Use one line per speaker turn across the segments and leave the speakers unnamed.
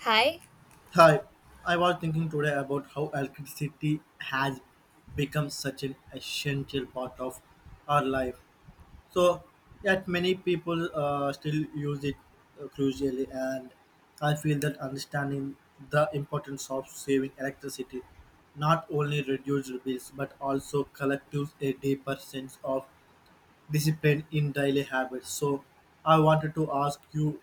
Hi.
Hi, I was thinking today about how electricity has become such an essential part of our life. So, yet many people still use it crucially, and I feel that understanding the importance of saving electricity not only reduces bills but also collective a deeper sense of discipline in daily habits. So I wanted to ask you,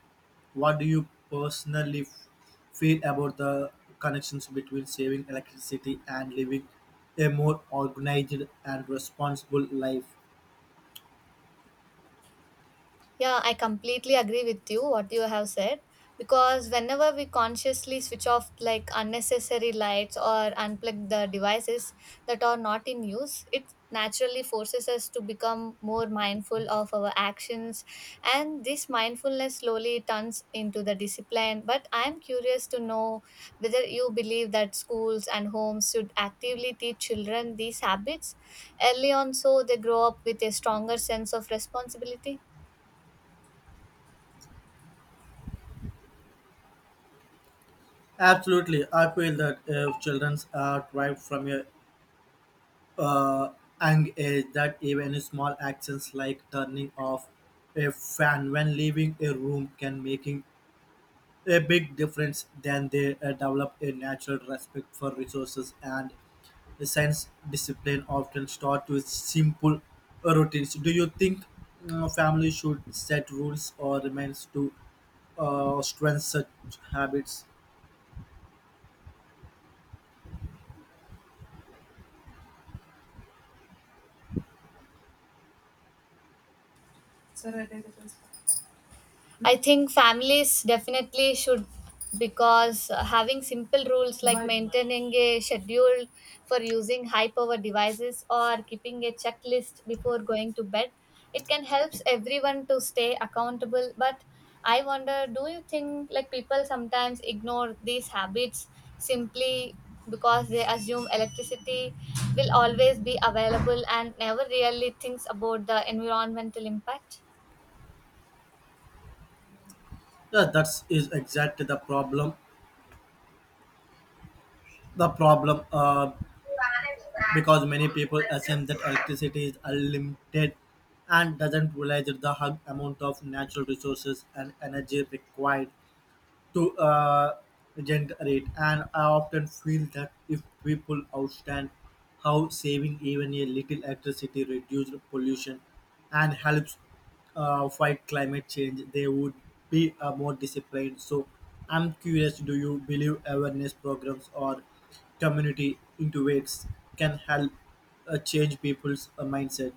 what do you personally feel about the connections between saving electricity and living a more organized and responsible life?
Yeah, I completely agree with you what you have said because whenever we consciously switch off like unnecessary lights or unplug the devices that are not in use, it naturally forces us to become more mindful of our actions, and this mindfulness slowly turns into the discipline. But I am curious to know whether you believe that schools and homes should actively teach children these habits early on so they grow up with a stronger sense of responsibility.
Absolutely, I feel that if children are thrived from a uh, young age, that even small actions like turning off a fan when leaving a room can making a big difference then they develop a natural respect for resources and the science discipline often start with simple routines. Do you think families should set rules or remains to strengthen such habits?
I think families definitely should because having simple rules like maintaining a schedule for using high power devices or keeping a checklist before going to bed, it can help everyone to stay accountable. But I wonder, do you think like people sometimes ignore these habits simply because they assume electricity will always be available and never really thinks about the environmental impact?
Yeah, that is exactly the problem. The problem because many people assume that electricity is unlimited and doesn't realize the hug amount of natural resources and energy required to generate, and I often feel that if people understand how saving even a little electricity reduces pollution and helps fight climate change, they would be more disciplined. So, I'm curious: do you believe awareness programs or community initiatives can help change people's mindset?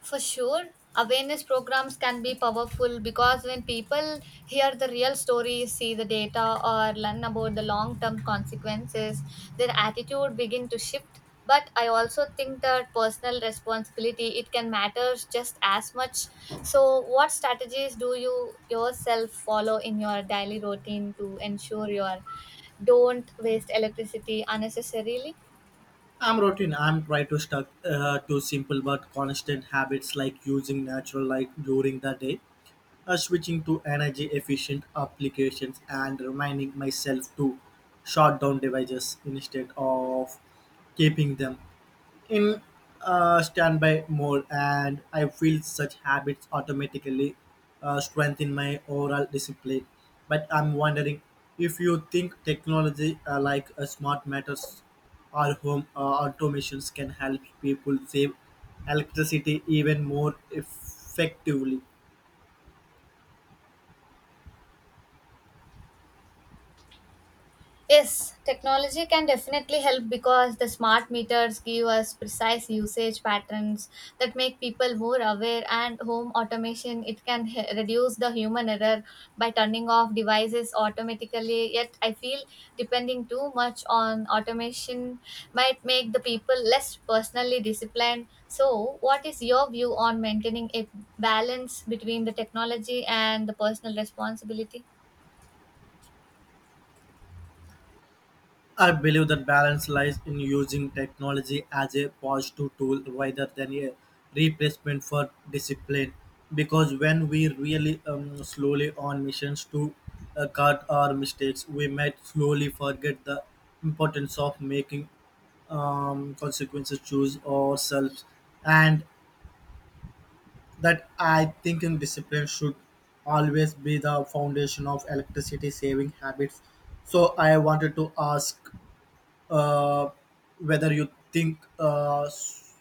For sure, awareness programs can be powerful because when people hear the real stories, see the data, or learn about the long term consequences, their attitude begin to shift. But I also think that personal responsibility it can matter just as much. So, what strategies do you yourself follow in your daily routine to ensure you are don't waste electricity unnecessarily?
I'm routine. I'm try to stuck to simple but constant habits like using natural light during the day, switching to energy efficient applications and reminding myself to shut down devices instead of keeping them in standby mode, and I feel such habits automatically strengthen my overall discipline, but I'm wondering if you think technology like smart meters or home automations can help people save electricity even more effectively.
Yes, technology can definitely help because the smart meters give us precise usage patterns that make people more aware, and home automation it can reduce the human error by turning off devices automatically. Yet I feel depending too much on automation might make the people less personally disciplined, so what is your view on maintaining a balance between the technology and the personal responsibility?
I believe that balance lies in using technology as a positive tool rather than a replacement for discipline. Because when we really slowly on missions to cut our mistakes, we might slowly forget the importance of making consequences choose ourselves. And that I think in discipline should always be the foundation of electricity saving habits. So I wanted to ask uh, whether you think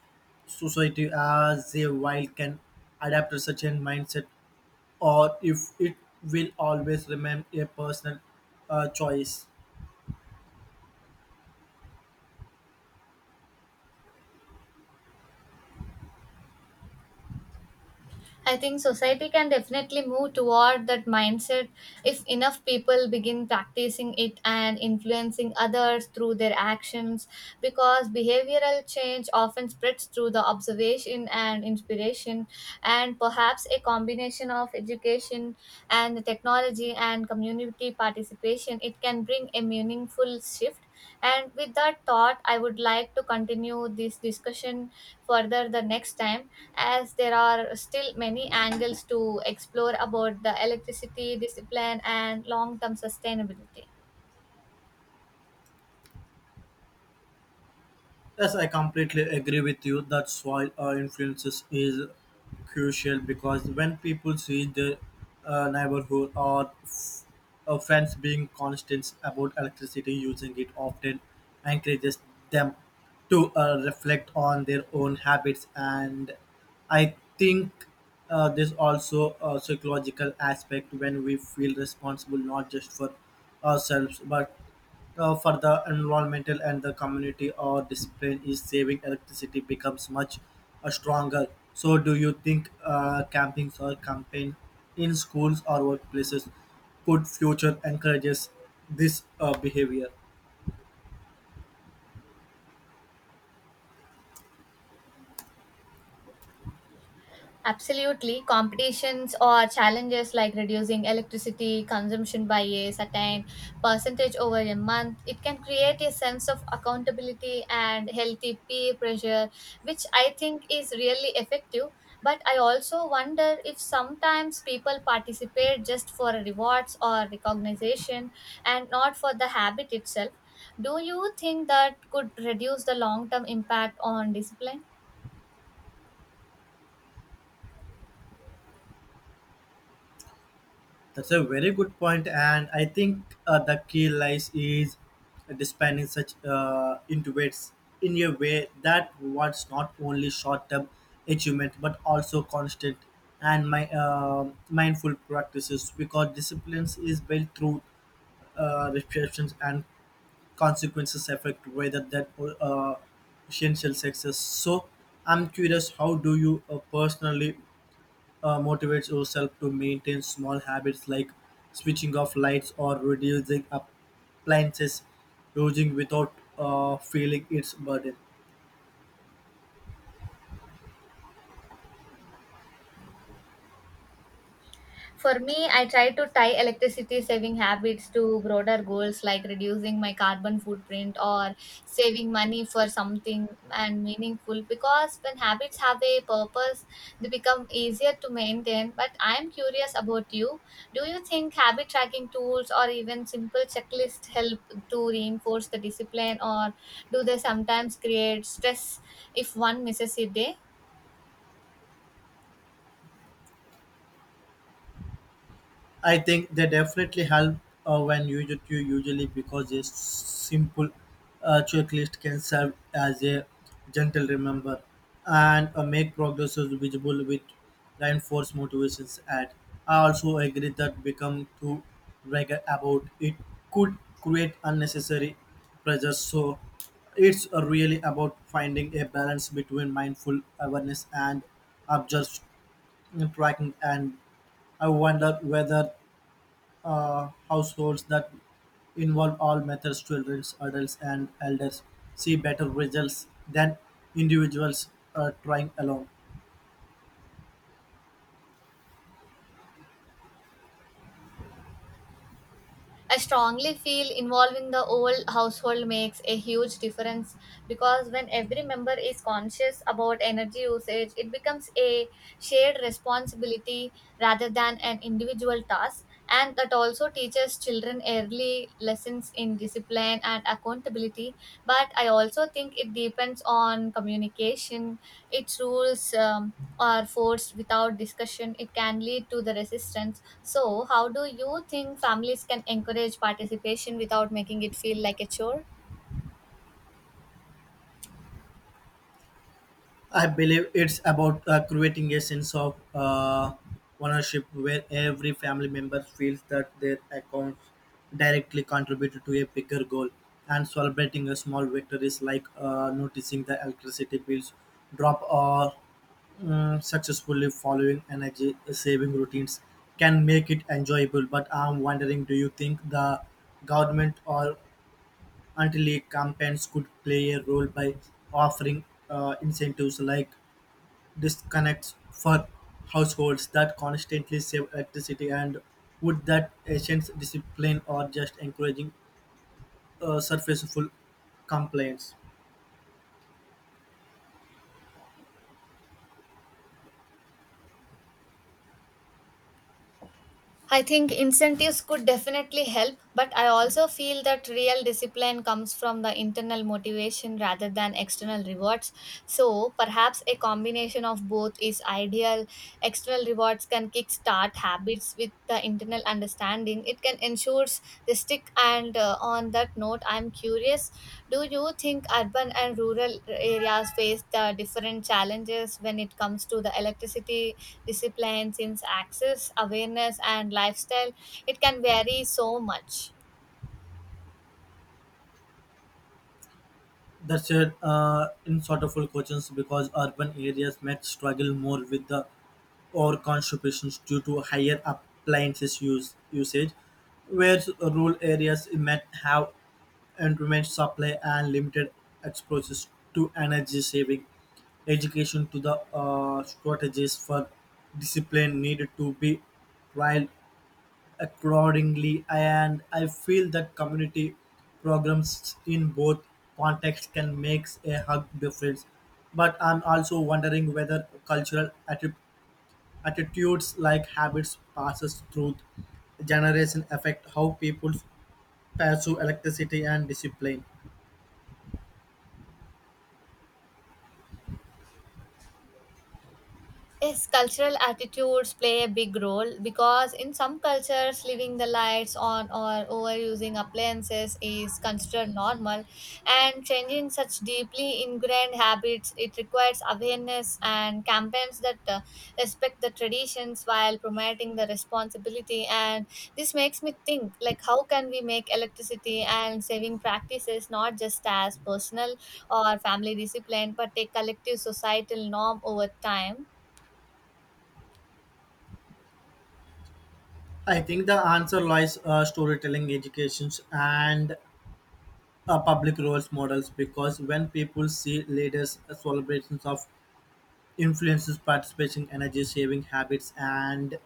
society as a whole can adapt to such a mindset or if it will always remain a personal choice.
I think society can definitely move toward that mindset if enough people begin practicing it and influencing others through their actions because behavioral change often spreads through the observation and inspiration, and perhaps a combination of education and the technology and community participation it can bring a meaningful shift. And with that thought, I would like to continue this discussion further the next time, as there are still many angles to explore about the electricity discipline and long term sustainability.
Yes, I completely agree with you that soil influences is crucial because when people see their neighborhood or friends being constant about electricity using it often encourages them to reflect on their own habits, and I think there's also a psychological aspect when we feel responsible not just for ourselves but for the environmental and the community or discipline is saving electricity becomes much stronger. So, do you think campings or campaign in schools or workplaces could future encourages this behavior?
Absolutely. Competitions or challenges like reducing electricity consumption by a certain percentage over a month, it can create a sense of accountability and healthy peer pressure, which I think is really effective. But I also wonder if sometimes people participate just for rewards or recognition and not for the habit itself. Do you think that could reduce the long term impact on discipline?
That's a very good point, and I think the key lies is dispensing such intuits in a way that rewards not only short-term achievement but also constant and my mindful practices because discipline is built through restrictions and consequences effect rather than uh, essential success. So I'm curious, how do you personally motivates yourself to maintain small habits like switching off lights or reducing appliances using without feeling its burden.
For me, I try to tie electricity saving habits to broader goals like reducing my carbon footprint or saving money for something and meaningful, because when habits have a purpose, they become easier to maintain. But I'm curious about you. Do you think habit tracking tools or even simple checklists help to reinforce the discipline, or do they sometimes create stress if one misses a day?
I think they definitely help when you usually because a simple checklist can serve as a gentle remember, and make progress visible with reinforced motivations. At I also agree that become too vague about it could create unnecessary pressure. So it's really about finding a balance between mindful awareness and observed tracking. And I wonder whether households that involve all methods, children, adults, and elders, see better results than individuals trying alone.
I strongly feel involving the whole household makes a huge difference because when every member is conscious about energy usage, it becomes a shared responsibility rather than an individual task. And that also teaches children early lessons confidence in discipline and accountability. But I also think it depends on communication. Its rules are forced without discussion, it can lead to the resistance. So how do you think families can encourage participation without making it feel like a chore?
I believe it's about creating a sense of ownership where every family member feels that their accounts directly contribute to a bigger goal. And celebrating a small victories like noticing the electricity bills drop or successfully following energy saving routines can make it enjoyable. But I'm wondering, do you think the government or anti league campaigns could play a role by offering incentives like disconnects for households that constantly save electricity, and would that ancient discipline or just encouraging surfaceful complaints?
I think incentives could definitely help, but I also feel that real discipline comes from the internal motivation rather than external rewards. So perhaps a combination of both is ideal. External rewards can kickstart habits with the internal understanding it can ensures they stick. And on that note, I'm curious, do you think urban and rural areas face the different challenges when it comes to the electricity discipline, since access awareness and lifestyle it can vary so much?
That's a insortable questions because urban areas might struggle more with the or contributions due to higher appliances use usage, whereas rural areas might have intermittent supply and limited exposure to energy saving. Education to the strategies for discipline needed to be trialed accordingly, and I feel that community programs in both contexts can make a hug difference. But I'm also wondering whether attitudes like habits passes through generation affect how people pursue electricity and discipline.
Yes, cultural attitudes play a big role because in some cultures, leaving the lights on or overusing appliances is considered normal, and changing such deeply ingrained habits it requires awareness and campaigns that respect the traditions while promoting the responsibility. And this makes me think, like, how can we make electricity and saving practices not just as personal or family discipline, but a collective societal norm over time?
I think the answer lies storytelling, educations, and public roles models because when people see leaders' celebrations of influences participation, energy saving habits, and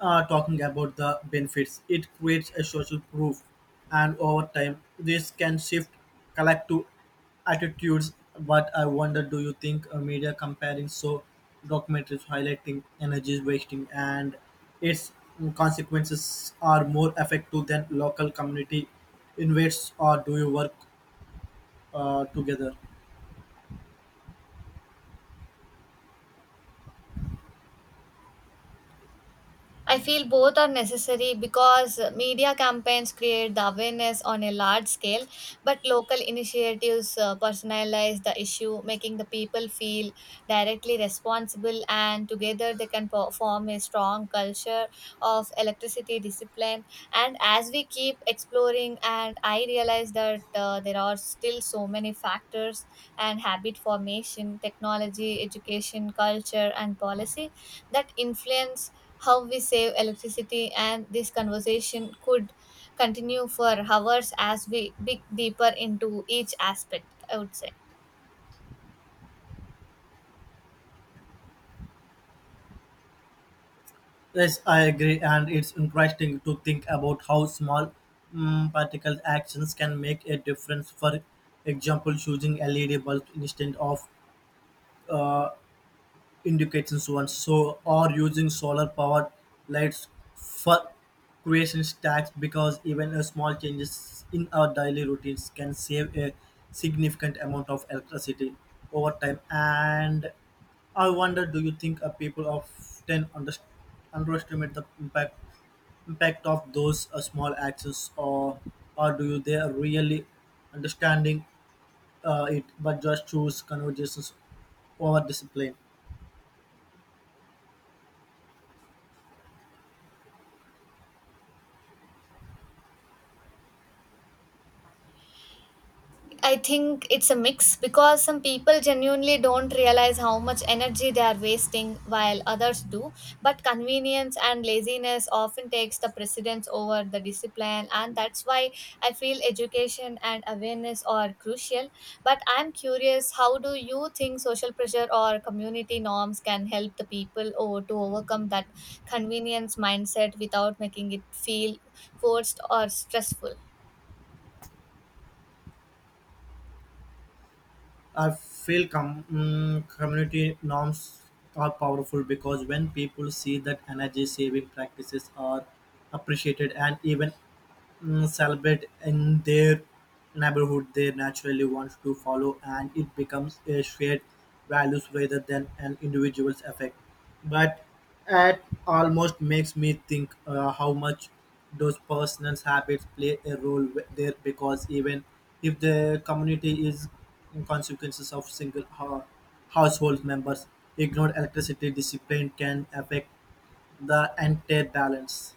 talking about the benefits. It creates a social proof, and over time, this can shift collective attitudes. But I wonder, do you think media comparing so documentaries highlighting energy wasting and its consequences are more effective than local community invades, or do you work together?
I feel both are necessary because media campaigns create the awareness on a large scale, but local initiatives personalize the issue, making the people feel directly responsible, and together they can form a strong culture of electricity discipline. And as we keep exploring, and I realize that there are still so many factors and habit formation, technology, education, culture, and policy that influence how we save electricity. And this conversation could continue for hours as we dig deeper into each aspect, I would say.
Yes, I agree, and it's interesting to think about how small practical actions can make a difference. For example, choosing LED bulbs instead of uh, indications ones, so or using solar powered lights for creation stacks because even a small changes in our daily routines can save a significant amount of electricity over time. And I wonder, do you think people often underestimate the impact of those small actions, or do you they are really understanding it but just choose conversations over discipline?
I think it's a mix because some people genuinely don't realize how much energy they are wasting while others do. But convenience and laziness often takes the precedence over the discipline, and that's why I feel education and awareness are crucial. But I'm curious, how do you think social pressure or community norms can help the people or to overcome that convenience mindset without making it feel forced or stressful?
I feel community norms are powerful because when people see that energy saving practices are appreciated and even celebrate in their neighborhood, they naturally want to follow and it becomes a shared values rather than an individual's effect, but it almost makes me think how much those personal habits play a role there because even if the community is in consequences of household members ignored electricity discipline can affect the entire balance.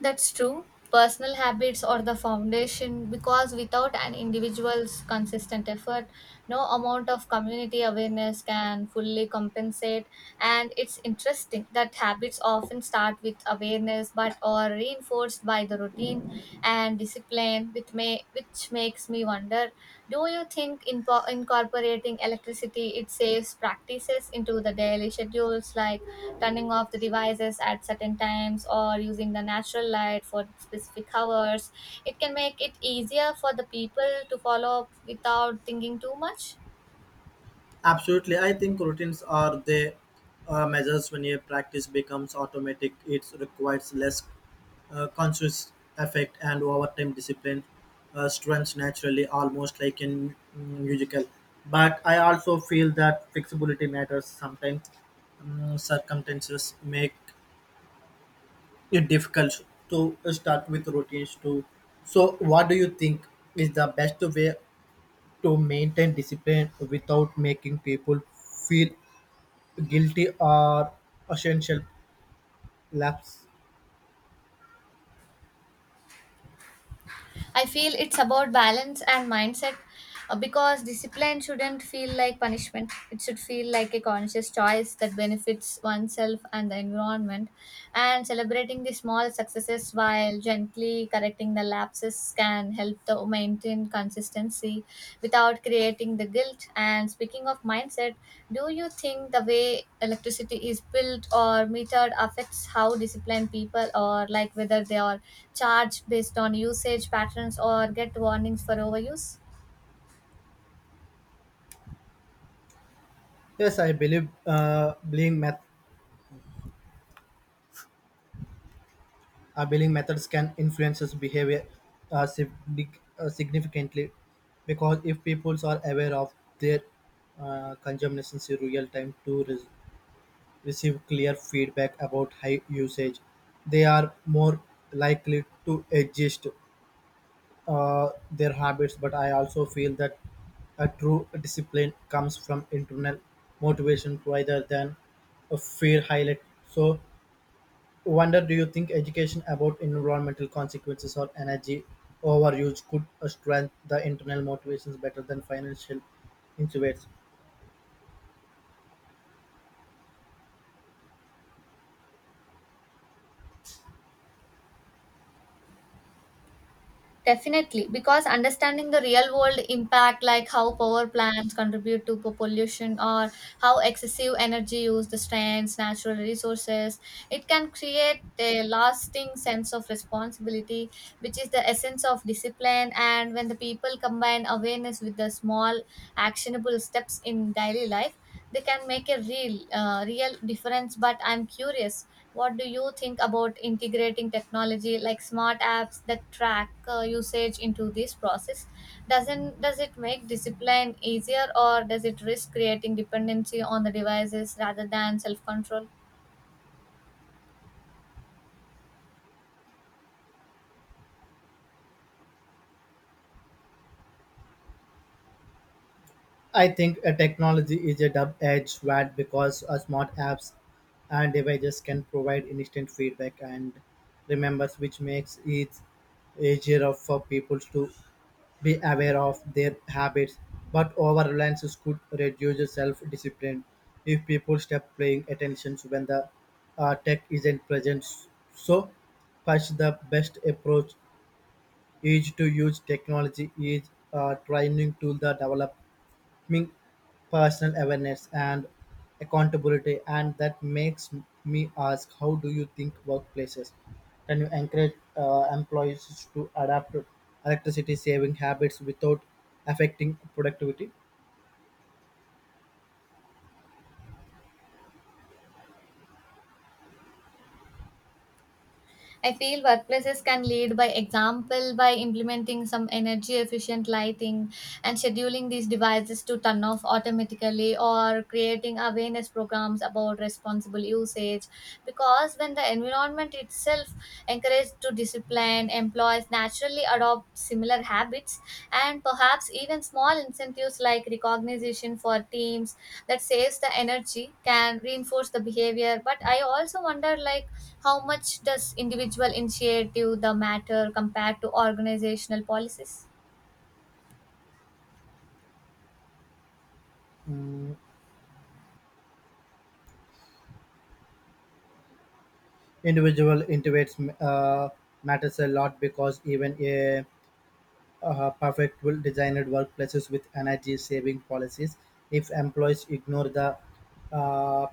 That's true. Personal habits are the foundation because without an individual's consistent effort, no amount of community awareness can fully compensate. And it's interesting that habits often start with awareness but are reinforced by the routine and discipline, which, may, make which makes me wonder, do you think incorporating electricity it saves practices into the daily schedules, like turning off the devices at certain times or using the natural light for specific hours, it can make it easier for the people to follow up without thinking too much?
Absolutely, I think routines are the measures when your practice becomes automatic. It requires less conscious effect, and over time discipline strengths naturally, almost like in musical. But I also feel that flexibility matters sometimes. Circumstances make it difficult to start with routines too. So, what do you think is the best way to maintain discipline without making people feel guilty or essential lapse.
I feel it's about balance and mindset because discipline shouldn't feel like punishment. It should feel like a conscious choice that benefits oneself and the environment. And celebrating the small successes while gently correcting the lapses can help the maintain consistency without creating the guilt. And speaking of mindset, do you think the way electricity is built or metered affects how disciplined people, or like whether they are charged based on usage patterns or get warnings for overuse?
Yes, I believe believing methods can influence his behavior uh, sig- significantly because if peoples are aware of their consumptions in real time to receive clear feedback about high usage, they are more likely to adjust their habits, but I also feel that a true discipline comes from internal motivation rather than a fear highlight. So, wonder do you think education about environmental consequences or energy overuse could strengthen the internal motivations better than financial incentives?
Definitely, because understanding the real world impact, like how power plants contribute to pollution or how excessive energy use the strands, natural resources, it can create a lasting sense of responsibility, which is the essence of discipline. And when the people combine awareness with the small, actionable steps in daily life, they can make a real real difference. But I'm curious, what do you think about integrating technology like smart apps that track usage into this process? Doesn't does it make discipline easier, or does it risk creating dependency on the devices rather than self control?
I think a technology is a double edged sword because smart apps and devices can provide instant feedback and remembers, which makes it easier for people to be aware of their habits. But over reliance could reduce self discipline if people stop paying attention when the tech isn't present. So, first, the best approach is to use technology is trying to the develop me personal awareness and accountability, and that makes me ask how do you think workplaces can you encourage employees to adapt to electricity saving habits without affecting productivity?
I feel workplaces can lead by example by implementing some energy efficient lighting and scheduling these devices to turn off automatically or creating awareness programs about responsible usage, because when the environment itself encouraged to discipline employees naturally adopt similar habits. And perhaps even small incentives like recognition for teams that saves the energy can reinforce the behavior. But I also wonder, like, how much does individual initiative the matter compared to organizational policies?
Mm, individual intuits uh, matters a lot because even a perfect well designed workplaces with energy saving policies if employees ignore the uh,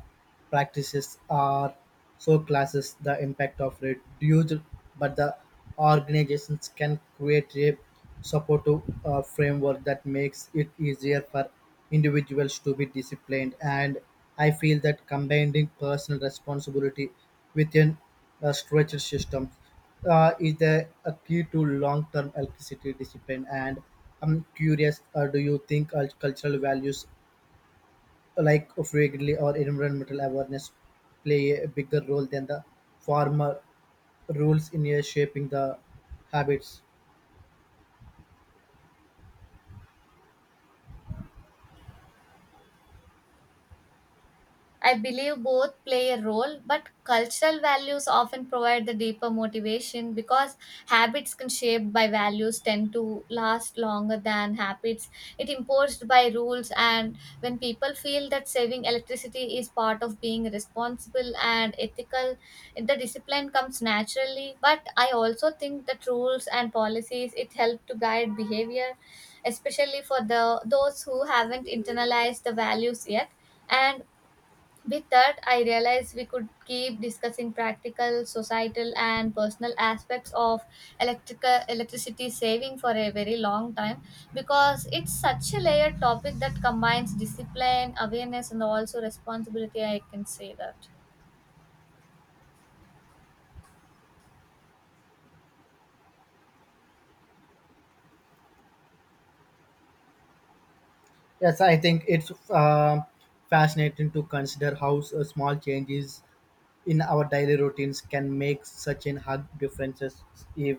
practices are so classes the impact of reduced but the organizations can create a supportive framework that makes it easier for individuals to be disciplined, and I feel that combining personal responsibility within a structured system is there a key to long-term electricity discipline? And I'm curious, do you think cultural values like frequently or environmental awareness play a bigger role than the formal rules in shaping the habits?
I believe both play a role, but cultural values often provide the deeper motivation because habits can shaped by values tend to last longer than habits it imposed by rules, and when people feel that saving electricity is part of being responsible and ethical, the discipline comes naturally. But I also think that rules and policies it help to guide behavior, especially for the those who haven't internalized the values yet. And with that, I realized we could keep discussing practical, societal, and personal aspects of electrical electricity saving for a very long time because it's such a layered topic that combines discipline, awareness, and also responsibility. I can say that.
Yes, I think it's fascinating to consider how small changes in our daily routines can make such a hard differences if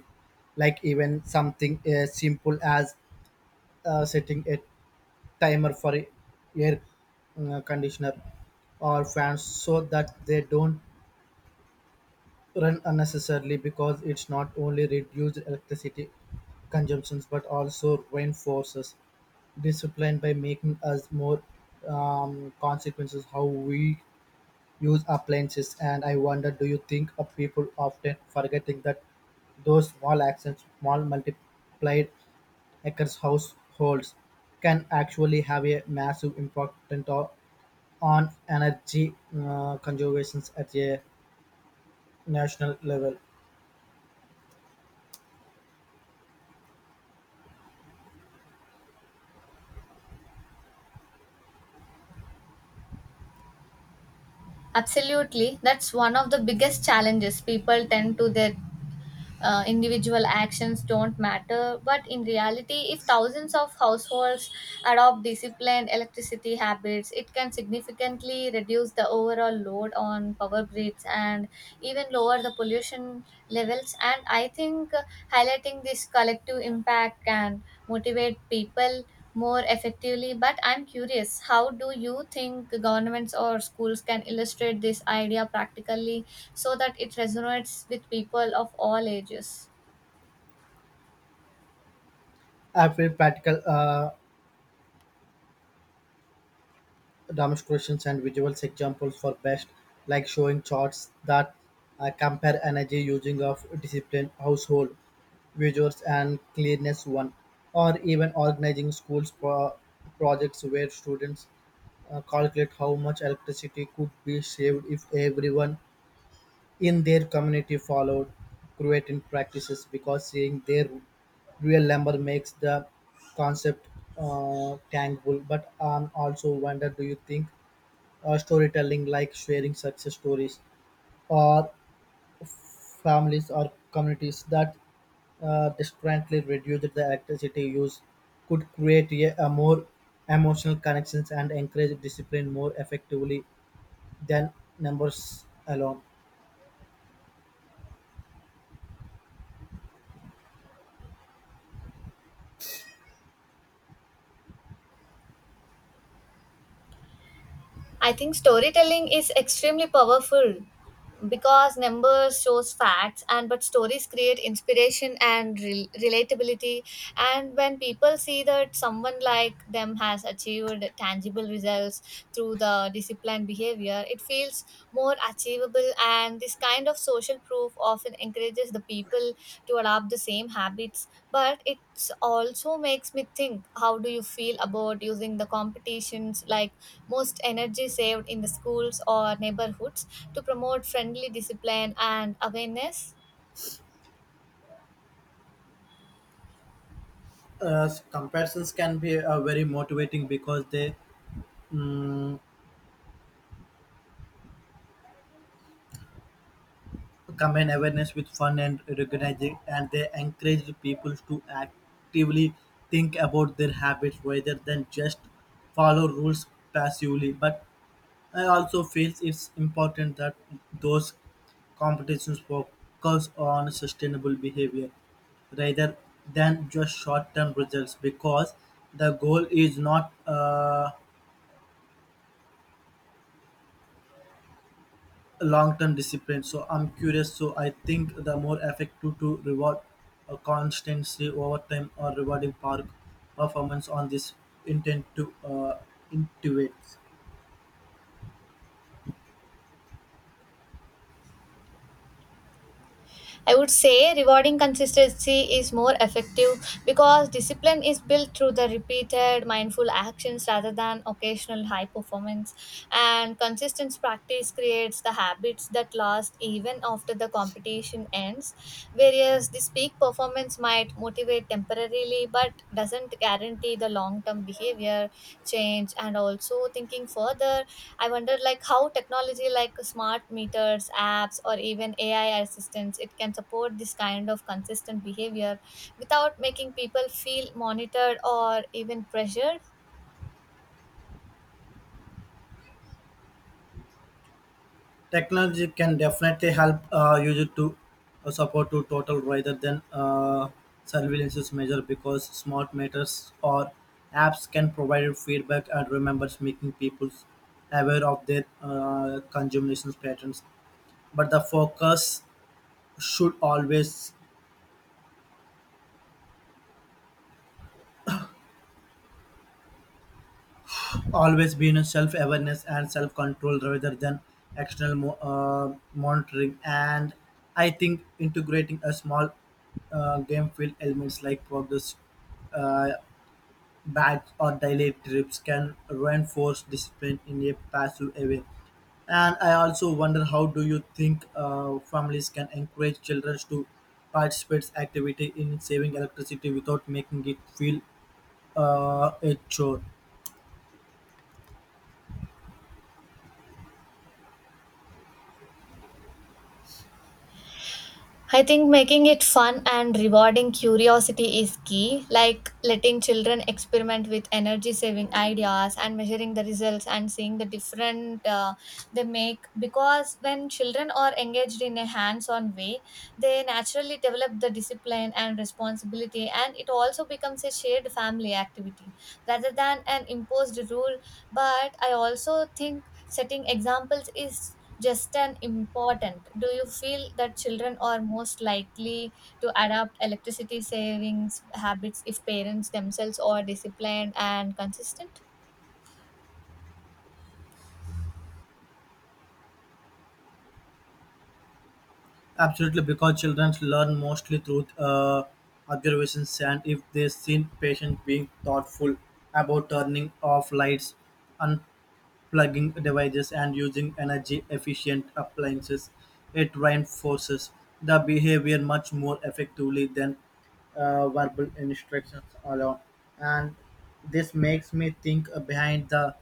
like even something as simple as setting a timer for air conditioner or fans so that they don't run unnecessarily because it's not only reduced electricity consumptions but also reinforces discipline by making us more consequences how we use appliances, and I wonder, do you think of people often forgetting that those small actions small multiplied across households can actually have a massive impact on energy conservation at a national level.
Absolutely. That's one of the biggest challenges. People tend to their individual actions don't matter, but in reality, if thousands of households adopt disciplined electricity habits, it can significantly reduce the overall load on power grids and even lower the pollution levels. And I think highlighting this collective impact can motivate people more effectively. But I'm curious, how do you think governments or schools can illustrate this idea practically so that it resonates with people of all ages?
I feel practical demonstrations and visual examples for best, like showing charts that compare energy using of discipline, household, visuals, and cleanliness one, or even organizing projects where students calculate how much electricity could be saved if everyone in their community followed Croatian practices because seeing their real lumber makes the concept tangible. But I also wonder, do you think storytelling, like sharing success stories or families or communities that discreetly reduce the electricity use, could create a more emotional connections and encourage discipline more effectively than numbers alone?
I think storytelling is extremely powerful because numbers shows facts and but stories create inspiration and relatability, and when people see that someone like them has achieved tangible results through the disciplined behavior, it feels more achievable, and this kind of social proof often encourages the people to adopt the same habits. But also makes me think, how do you feel about using the competitions like most energy saved in the schools or neighborhoods to promote friendly discipline and awareness?
Uh, comparisons can be very motivating because they um, combine awareness with fun and recognizing, and they encourage the people to actively think about their habits rather than just follow rules passively. But I also feel it's important that those competitions focus on sustainable behavior rather than just short-term results because the goal is not long-term discipline. So I'm curious, so I think the more effective to reward a constancy over time or rewarding park performance on this intent to intuit.
I would say rewarding consistency is more effective because discipline is built through the repeated mindful actions rather than occasional high performance, and consistent practice creates the habits that last even after the competition ends, whereas this peak performance might motivate temporarily but doesn't guarantee the long term behavior change. And also thinking further, I wonder, like, how technology like smart meters, apps, or even AI assistants, it can support this kind of consistent behavior without making people feel monitored or even pressured.
Technology can definitely help user to support to total rather than surveillance measure because smart meters or apps can provide feedback and remembers making people aware of their consumption patterns, but the focus should always be in self-awareness and self-control rather than monitoring. And I think integrating a small game field elements like progress uh, bags or daily trips can reinforce discipline in a passive way. And I also wonder, how do you think families can encourage children to participate activity in saving electricity without making it feel a chore?
I think making it fun and rewarding curiosity is key, like letting children experiment with energy saving ideas and measuring the results and seeing the different they make. Because when children are engaged in a hands on way, they naturally develop the discipline and responsibility, and it also becomes a shared family activity rather than an imposed rule. But I also think setting examples is just an important. Do you feel that children are most likely to adopt electricity savings habits if parents themselves are disciplined and consistent?
Absolutely, because children learn mostly through observations, and if they see patients being thoughtful about turning off lights, unplugging devices, and using energy efficient appliances, it reinforces the behavior much more effectively than verbal instructions alone. And this makes me think, behind the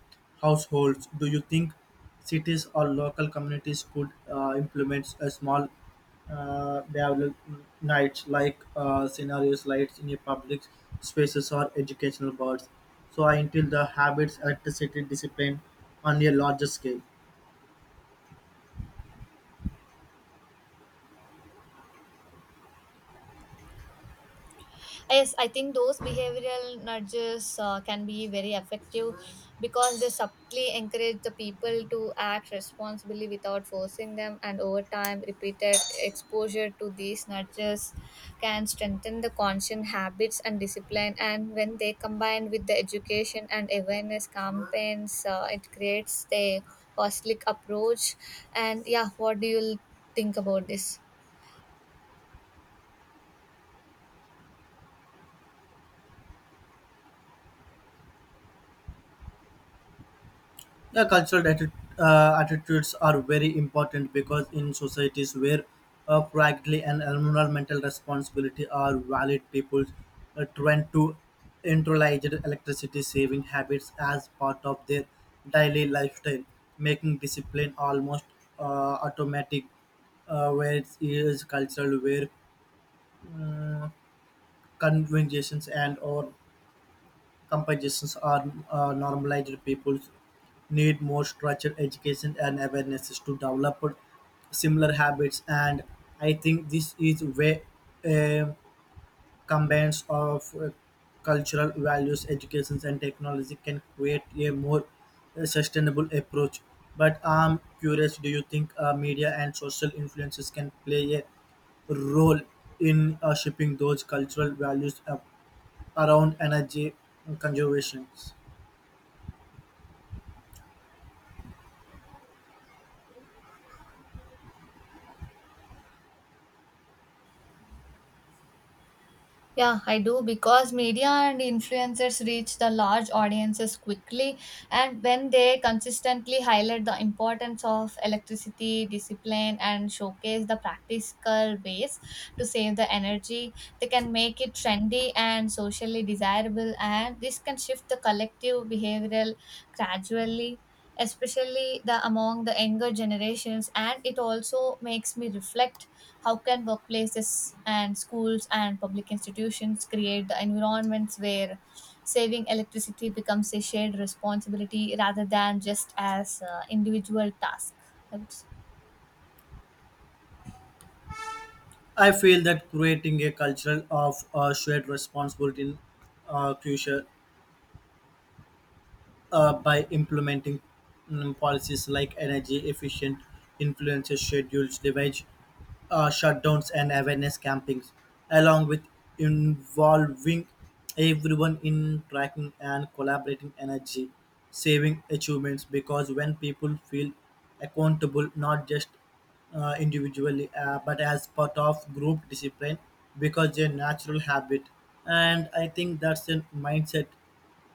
households, do you think cities or local communities could implement a small develop nights like scenario slides in a public spaces or educational boards, so I instill the habits, electricity, discipline on a larger scale.
Yes, I think those behavioral nudges can be very effective because they subtly encourage the people to act responsibly without forcing them, and over time, repeated exposure to these nudges can strengthen the conscious habits and discipline. And when they combine with the education and awareness campaigns, it creates a holistic approach. And yeah, what do you think about this?
Yeah, attitudes are very important because in societies where practically and environmental responsibility are valid, people trend to internalize electricity saving habits as part of their daily lifestyle, making discipline almost automatic. Where it is cultural, where conventions and or compositions are normalized, people need more structured education and awareness to develop similar habits. And I think this is where a combines of cultural values, educations, and technology can create a more sustainable approach. But I'm curious: do you think media and social influences can play a role in shaping those cultural values up around energy conservation?
Yeah, I do, because media and influencers reach the large audiences quickly, and when they consistently highlight the importance of electricity, discipline, and showcase the practical ways to save the energy, they can make it trendy and socially desirable, and this can shift the collective behavioral gradually, especially the among the younger generations. And it also makes me reflect, how can workplaces and schools and public institutions create the environments where saving electricity becomes a shared responsibility rather than just as individual task, I would say.
I feel that creating a culture of shared responsibility in crucial by implementing policies like energy efficient influences schedules, device shutdowns, and awareness campings, along with involving everyone in tracking and collaborating energy saving achievements. Because when people feel accountable, not just individually but as part of group discipline because their natural habit, and I think that's a mindset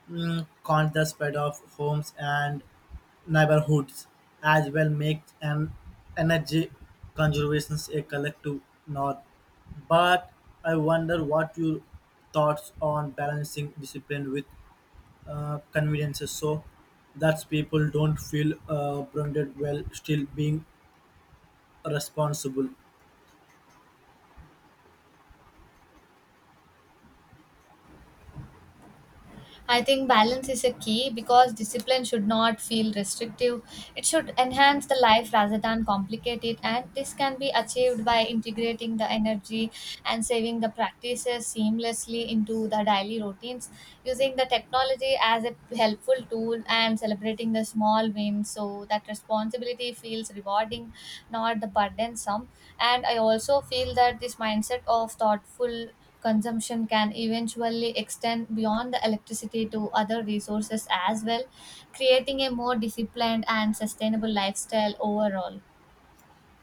caught the spread of homes and neighborhoods as well, makes an energy conservation a collective norm. But I wonder what your thoughts on balancing discipline with conveniences so that people don't feel branded while still being responsible.
I think balance is a key because discipline should not feel restrictive. It should enhance the life rather than complicate it, and this can be achieved by integrating the energy and saving the practices seamlessly into the daily routines, using the technology as a helpful tool, and celebrating the small wins so that responsibility feels rewarding, not the burdensome. And I also feel that this mindset of thoughtful consumption can eventually extend beyond the electricity to other resources as well, creating a more disciplined and sustainable lifestyle overall.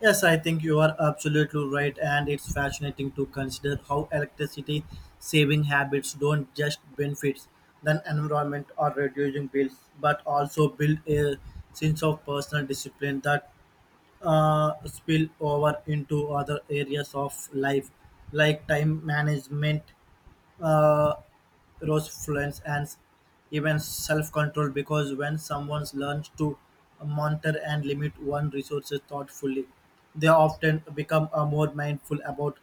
Yes, I think you are absolutely right, and it's fascinating to consider how electricity saving habits don't just benefit the environment or reducing bills, but also build a sense of personal discipline that spill over into other areas of life, like time management, uh, resilience, and even self-control, because when someone learns to monitor and limit one resources thoughtfully, they often become more mindful about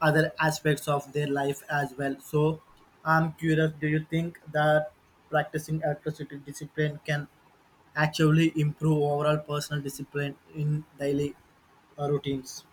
other aspects of their life as well. So I'm curious, do you think that practicing atrocity discipline can actually improve overall personal discipline in daily routines?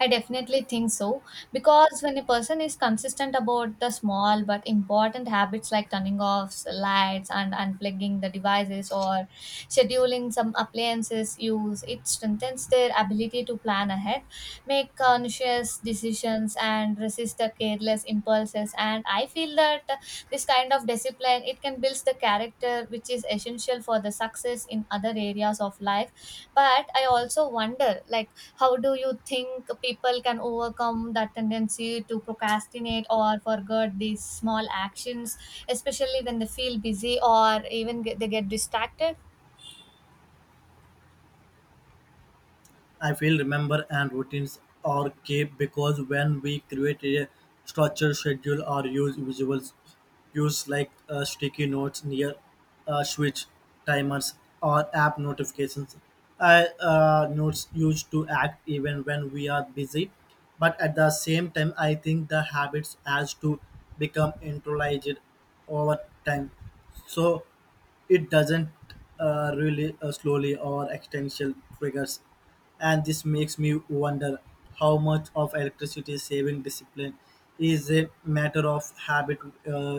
I definitely think so, because when a person is consistent about the small but important habits like turning off lights and unplugging the devices or scheduling some appliances use, it strengthens their ability to plan ahead, make conscious decisions, and resist the careless impulses. And I feel that this kind of discipline, it can build the character which is essential for the success in other areas of life. But I also wonder, like, how do you think people can overcome that tendency to procrastinate or forget these small actions, especially when they feel busy or even they get distracted?
I feel remember and routines are key because when we create a structured schedule or use visuals, use like sticky notes near switch timers or app notifications. I notes used to act even when we are busy, but at the same time, I think the habits has to become internalized over time. So it doesn't really slowly or extensional triggers, and this makes me wonder how much of electricity saving discipline is a matter of habit, uh,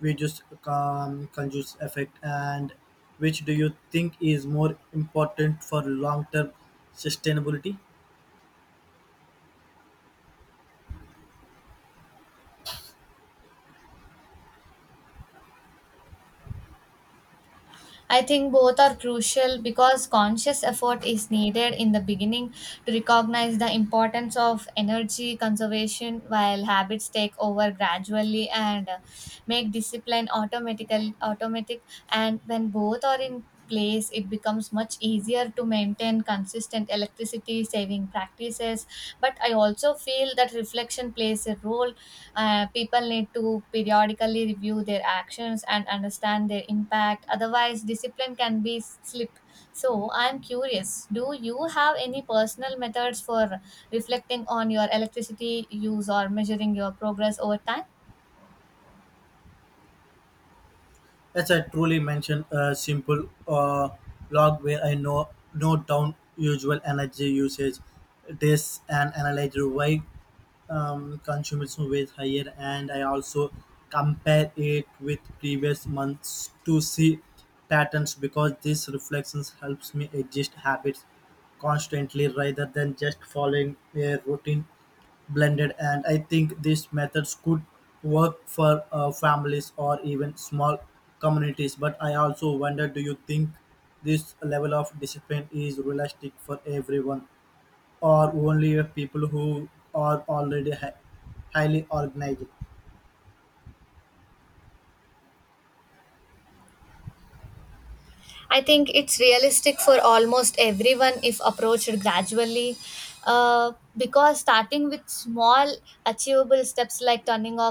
which just conduce effect, and which do you think is more important for long-term sustainability?
I think both are crucial because conscious effort is needed in the beginning to recognize the importance of energy conservation, while habits take over gradually and make discipline automatic. And when both are in place, it becomes much easier to maintain consistent electricity saving practices. But I also feel that reflection plays a role. People need to periodically review their actions and understand their impact, otherwise discipline can be slipped. So I'm curious, do you have any personal methods for reflecting on your electricity use or measuring your progress over time?
As I truly mentioned, a simple log where I know note down usual energy usage, this and analyze why consumption was higher, and I also compare it with previous months to see patterns because these reflections helps me adjust habits constantly rather than just following a routine blended. And I think these methods could work for families or even small communities. But I also wonder, do you think this level of discipline is realistic for everyone or only people who are already highly organized?
I think it's realistic for almost everyone if approached gradually. Because starting with small, achievable steps like turning off